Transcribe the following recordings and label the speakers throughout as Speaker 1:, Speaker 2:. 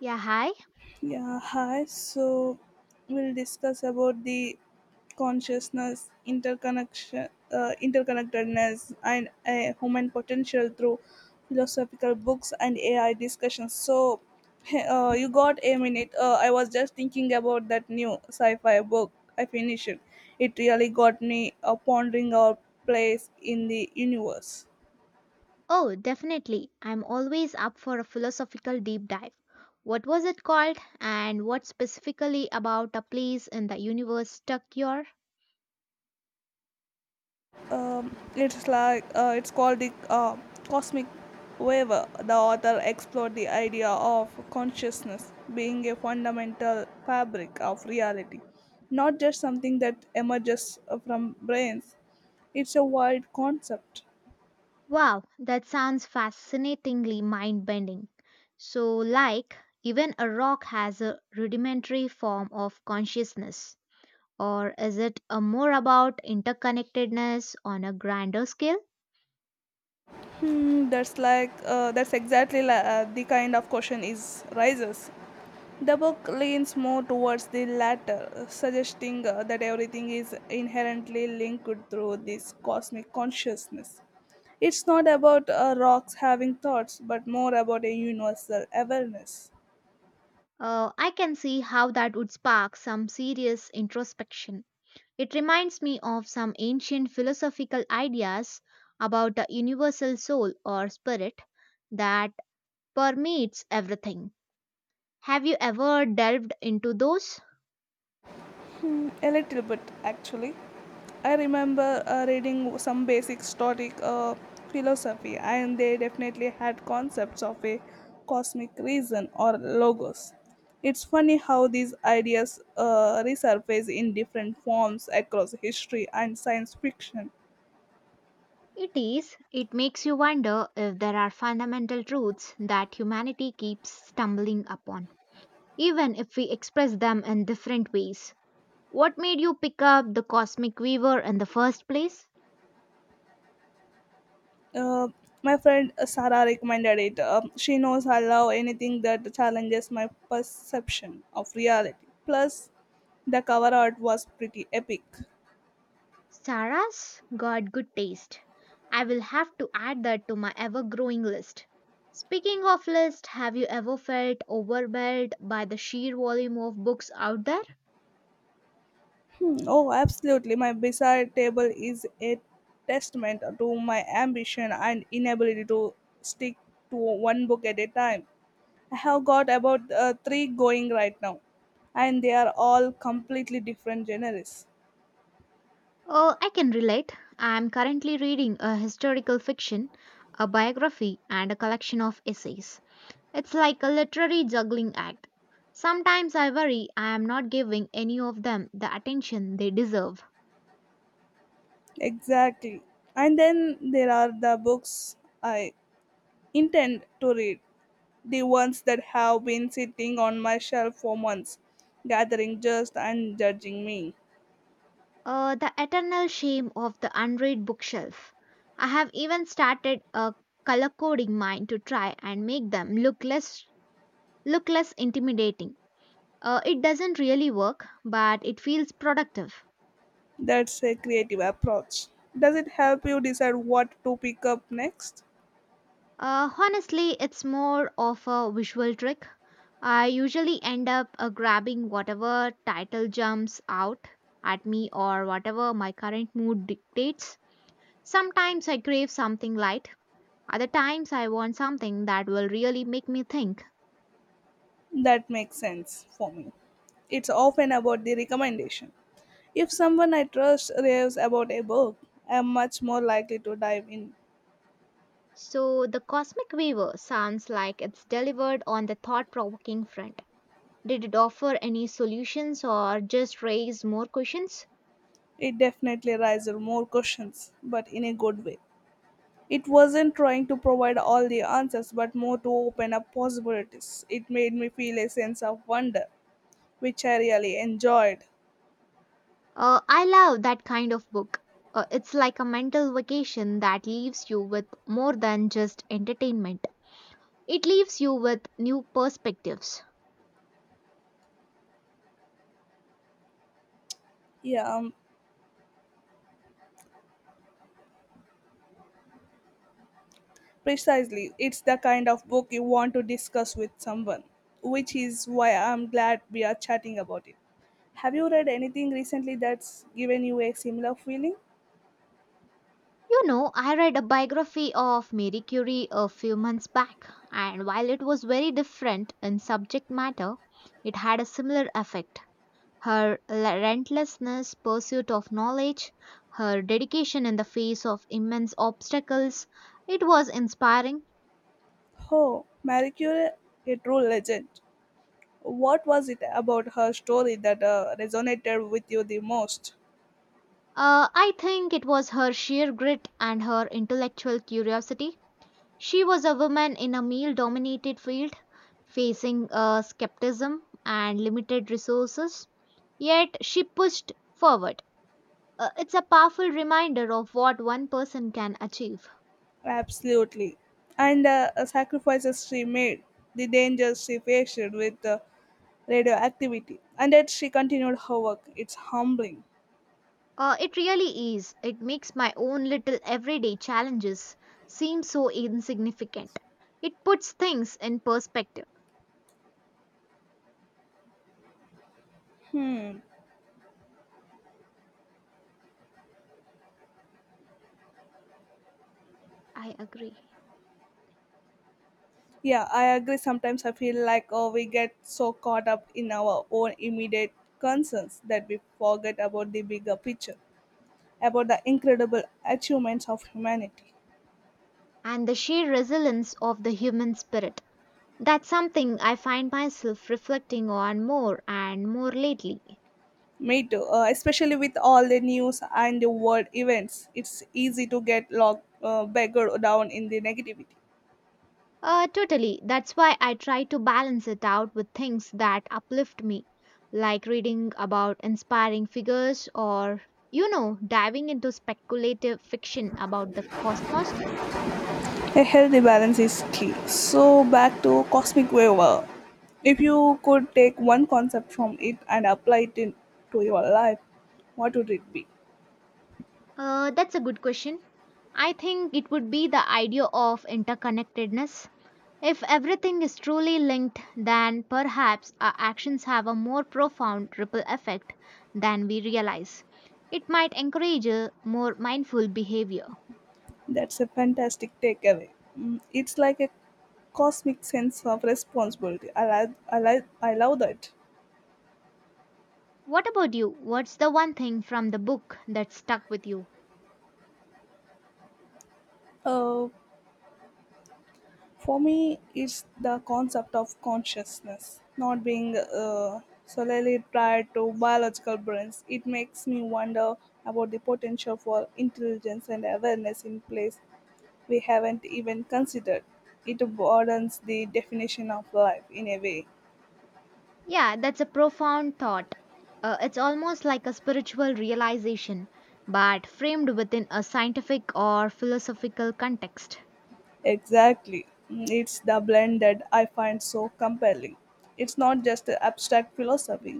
Speaker 1: Yeah, hi.
Speaker 2: Yeah, hi. So we'll discuss about the consciousness, interconnection, interconnectedness, and human potential through philosophical books and AI discussions. So you got a minute. I was just thinking about that new sci-fi book I finished. It really got me pondering our place in the universe.
Speaker 1: Oh, definitely. I'm always up for a philosophical deep dive. What was it called, and what specifically about a place in the universe stuck your?
Speaker 2: It's called the cosmic wave. The author explored the idea of consciousness being a fundamental fabric of reality, not just something that emerges from brains. It's a wide concept.
Speaker 1: Wow, that sounds fascinatingly mind bending. So, like, even a rock has a rudimentary form of consciousness. Or is it a more about interconnectedness on a grander scale?
Speaker 2: That's exactly the kind of question is rises. The book leans more towards the latter, suggesting that everything is inherently linked through this cosmic consciousness. It's not about rocks having thoughts, but more about a universal awareness.
Speaker 1: I can see how that would spark some serious introspection. It reminds me of some ancient philosophical ideas about a universal soul or spirit that permeates everything. Have you ever delved into those?
Speaker 2: A little bit, actually. I remember reading some basic Stoic philosophy, and they definitely had concepts of a cosmic reason or logos. It's funny how these ideas resurface in different forms across history and science fiction.
Speaker 1: It is. It makes you wonder if there are fundamental truths that humanity keeps stumbling upon, even if we express them in different ways. What made you pick up the Cosmic Weaver in the first place?
Speaker 2: Uh, my friend Sarah recommended it. She knows I love anything that challenges my perception of reality. Plus, the cover art was pretty epic.
Speaker 1: Sarah's got good taste. I will have to add that to my ever growing list. Speaking of list, have you ever felt overwhelmed by the sheer volume of books out there?
Speaker 2: Hmm. Oh, absolutely. My bedside table is a testament to my ambition and inability to stick to one book at a time. I have got about three going right now, and they are all completely different genres.
Speaker 1: Oh, I can relate. I am currently reading a historical fiction, a biography, and a collection of essays. It's like a literary juggling act. Sometimes I worry I am not giving any of them the attention they deserve.
Speaker 2: Exactly. And then there are the books I intend to read, the ones that have been sitting on my shelf for months, gathering dust and judging me.
Speaker 1: The eternal shame of the unread bookshelf. I have even started a color coding mine to try and make them look less intimidating. It doesn't really work, but it feels productive.
Speaker 2: That's a creative approach. Does it help you decide what to pick up next?
Speaker 1: Honestly, it's more of a visual trick. I usually end up grabbing whatever title jumps out at me or whatever my current mood dictates. Sometimes I crave something light, other times I want something that will really make me think.
Speaker 2: That makes sense for me. It's often about the recommendation. If someone I trust raves about a book, I am much more likely to dive in.
Speaker 1: So the Cosmic Weaver sounds like it's delivered on the thought provoking front. Did it offer any solutions or just raise more questions?
Speaker 2: It definitely raises more questions, but in a good way. It wasn't trying to provide all the answers, but more to open up possibilities. It made me feel a sense of wonder, which I really enjoyed.
Speaker 1: I love that kind of book. It's like a mental vacation that leaves you with more than just entertainment, it leaves you with new perspectives.
Speaker 2: Yeah, precisely, it's the kind of book you want to discuss with someone, which is why I'm glad we are chatting about it. Have you read anything recently that's given you a similar feeling?
Speaker 1: You know, I read a biography of Marie Curie a few months back, and while it was very different in subject matter, it had a similar effect. Her relentlessness, pursuit of knowledge, her dedication in the face of immense obstacles, it was inspiring.
Speaker 2: Oh, Marie Curie, a true legend. What was it about her story that resonated with you the most?
Speaker 1: I think it was her sheer grit and her intellectual curiosity. She was a woman in a male dominated field, facing skepticism and limited resources. Yet she pushed forward. It's a powerful reminder of what one person can achieve.
Speaker 2: Absolutely. And sacrifices she made, the dangers she faced with radioactivity, and that she continued her work. It's humbling.
Speaker 1: It really is. It makes my own little everyday challenges seem so insignificant. It puts things in perspective.
Speaker 2: Hmm.
Speaker 1: I agree.
Speaker 2: Yeah, I agree. Sometimes I feel like oh, we get so caught up in our own immediate concerns that we forget about the bigger picture, about the incredible achievements of humanity.
Speaker 1: And the sheer resilience of the human spirit. That's something I find myself reflecting on more and more lately.
Speaker 2: Me too, especially with all the news and the world events, it's easy to bogged down in the negativity.
Speaker 1: Totally. That's why I try to balance it out with things that uplift me, like reading about inspiring figures or, you know, diving into speculative fiction about the cosmos.
Speaker 2: A healthy balance is key. So, back to cosmic wave. If you could take one concept from it and to your life, what would it be?
Speaker 1: That's a good question. I think it would be the idea of interconnectedness. If everything is truly linked, then perhaps our actions have a more profound ripple effect than we realize. It might encourage a more mindful behavior.
Speaker 2: That's a fantastic takeaway. Mm, it's like a cosmic sense of responsibility. I love that.
Speaker 1: What about you? What's the one thing from the book that stuck with you?
Speaker 2: Uh, for me, it's the concept of consciousness, not being solely tied to biological brains. It makes me wonder about the potential for intelligence and awareness in place we haven't even considered. It broadens the definition of life in a way.
Speaker 1: Yeah, that's a profound thought. It's almost like a spiritual realization, but framed within a scientific or philosophical context.
Speaker 2: Exactly. Mm, it's the blend that I find so compelling. It's not just abstract philosophy,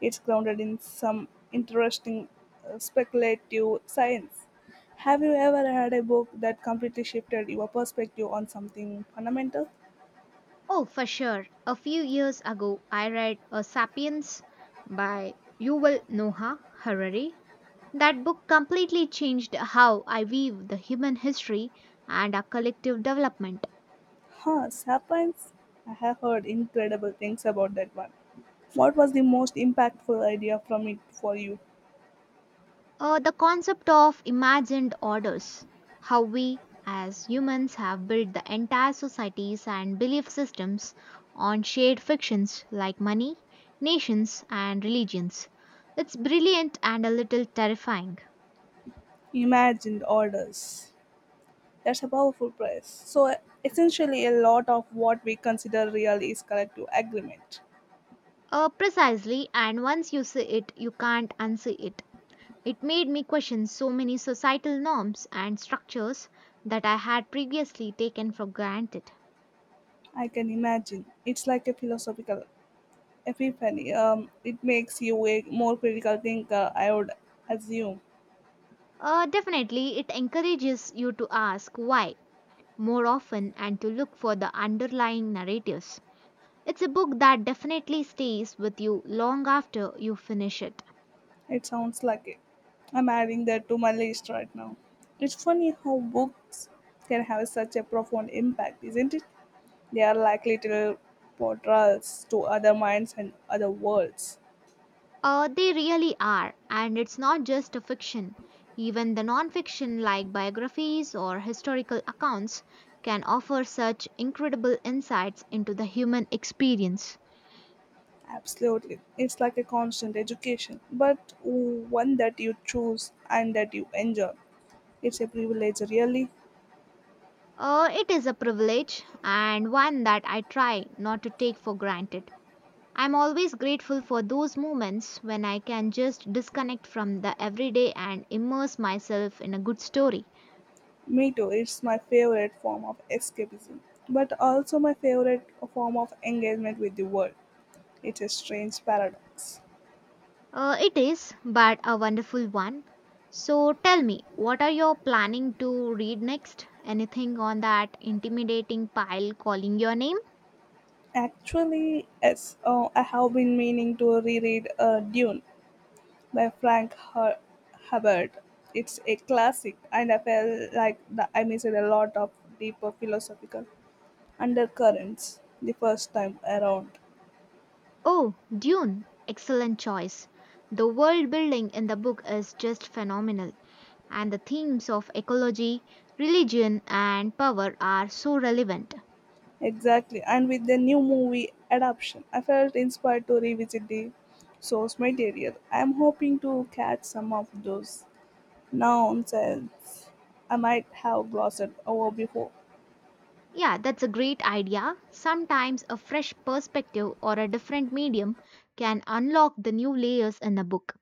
Speaker 2: it's grounded in some interesting speculative science. Have you ever had a book that completely shifted your perspective on something fundamental?
Speaker 1: Oh, for sure. A few years ago, I read A Sapiens by Yuval Noah Harari. That book completely changed how I view the human history and our collective development.
Speaker 2: Huh, Sapiens? I have heard incredible things about that one. What was the most impactful idea from it for you?
Speaker 1: The concept of imagined orders, how we as humans have built the entire societies and belief systems on shared fictions like money, nations, and religions. It's brilliant and a little terrifying.
Speaker 2: Imagined orders. That's a powerful phrase. So, essentially, a lot of what we consider real is collective agreement.
Speaker 1: Precisely, and once you see it, you can't unsee it. It made me question so many societal norms and structures that I had previously taken for granted.
Speaker 2: I can imagine. It's like a philosophical epiphany. It makes you a more critical thinker, I would assume.
Speaker 1: Definitely, it encourages you to ask why more often and to look for the underlying narratives. It's a book that definitely stays with you long after you finish it.
Speaker 2: It sounds like it. I'm adding that to my list right now. It's funny how books can have such a profound impact, isn't it? They are like little portals to other minds and other worlds.
Speaker 1: They really are, and it's not just a fiction. Even the non-fiction like biographies or historical accounts can offer such incredible insights into the human experience.
Speaker 2: Absolutely. It's like a constant education, but one that you choose and that you enjoy. It's a privilege, really.
Speaker 1: It is a privilege and one that I try not to take for granted. I'm always grateful for those moments when I can just disconnect from the everyday and immerse myself in a good story.
Speaker 2: Me too. It's my favorite form of escapism, but also my favorite form of engagement with the world. It's a strange paradox.
Speaker 1: It is, but a wonderful one. So tell me, what are you planning to read next? Anything on that intimidating pile calling your name?
Speaker 2: Actually, yes, oh, I have been meaning to reread Dune by Frank Herbert. It's a classic, and I felt like that I missed a lot of deeper philosophical undercurrents the first time around.
Speaker 1: Oh, Dune. Excellent choice. The world building in the book is just phenomenal, and the themes of ecology, religion, and power are so relevant.
Speaker 2: Exactly. And with the new movie adaptation, I felt inspired to revisit the source material. I'm hoping to catch some of those nonsense I might have glossed over before.
Speaker 1: Yeah, that's a great idea. Sometimes a fresh perspective or a different medium can unlock the new layers in a book.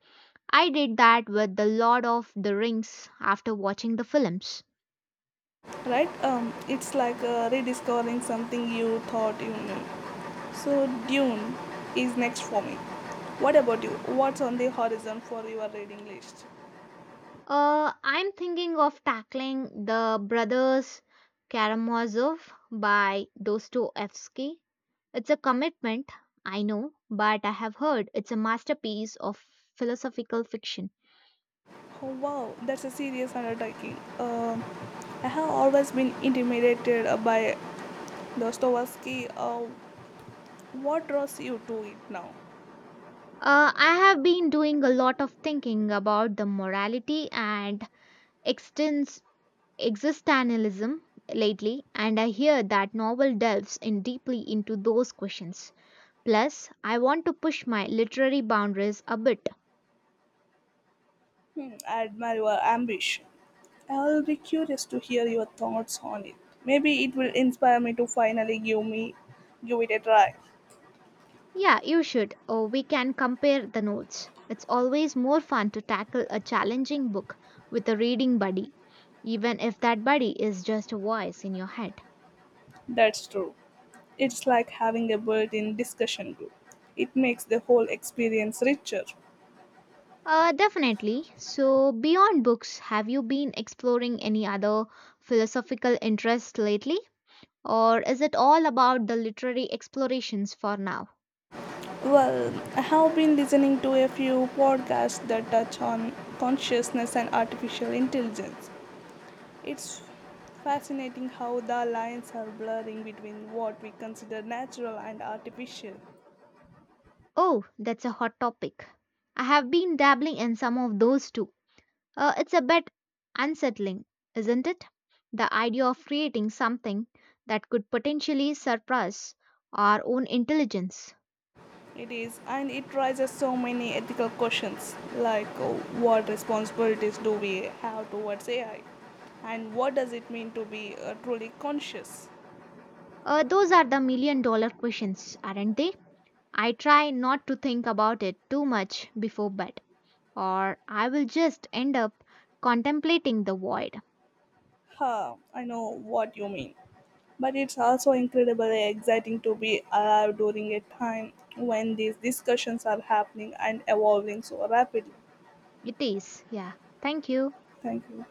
Speaker 1: I did that with The Lord of the Rings after watching the films.
Speaker 2: Right? It's like rediscovering something you thought you knew. So, Dune is next for me. What about you? What's on the horizon for your reading list?
Speaker 1: I'm thinking of tackling The Brothers Karamazov by Dostoevsky. It's a commitment, I know, but I have heard it's a masterpiece of philosophical fiction.
Speaker 2: Oh wow, that's a serious undertaking. I have always been intimidated by Dostoevsky. What draws you to it now?
Speaker 1: I have been doing a lot of thinking about the morality and extens- existentialism lately, and I hear that novel delves in deeply into those questions. Plus, I want to push my literary boundaries a bit.
Speaker 2: Hmm, I admire your ambition. I'll be curious to hear your thoughts on it. Maybe it will inspire me to finally give it a try.
Speaker 1: Yeah, you should, or we can compare the notes. It's always more fun to tackle a challenging book with a reading buddy, even if that buddy is just a voice in your head.
Speaker 2: That's true. It's like having a built-in discussion group. It makes the whole experience richer.
Speaker 1: Definitely. So, beyond books, have you been exploring any other philosophical interests lately? Or is it all about the literary explorations for now?
Speaker 2: Well, I have been listening to a few podcasts that touch on consciousness and artificial intelligence. It's fascinating how the lines are blurring between what we consider natural and artificial.
Speaker 1: Oh, that's a hot topic. I have been dabbling in some of those too. It's a bit unsettling, isn't it? The idea of creating something that could potentially surpass our own intelligence.
Speaker 2: It is, and it raises so many ethical questions like what responsibilities do we have towards AI, and what does it mean to be truly conscious?
Speaker 1: Those are the million dollar questions, aren't they? I try not to think about it too much before bed, or I will just end up contemplating the void.
Speaker 2: Huh, I know what you mean. But it's also incredibly exciting to be alive during a time when these discussions are happening and evolving so rapidly.
Speaker 1: It is, yeah. Thank you.
Speaker 2: Thank you.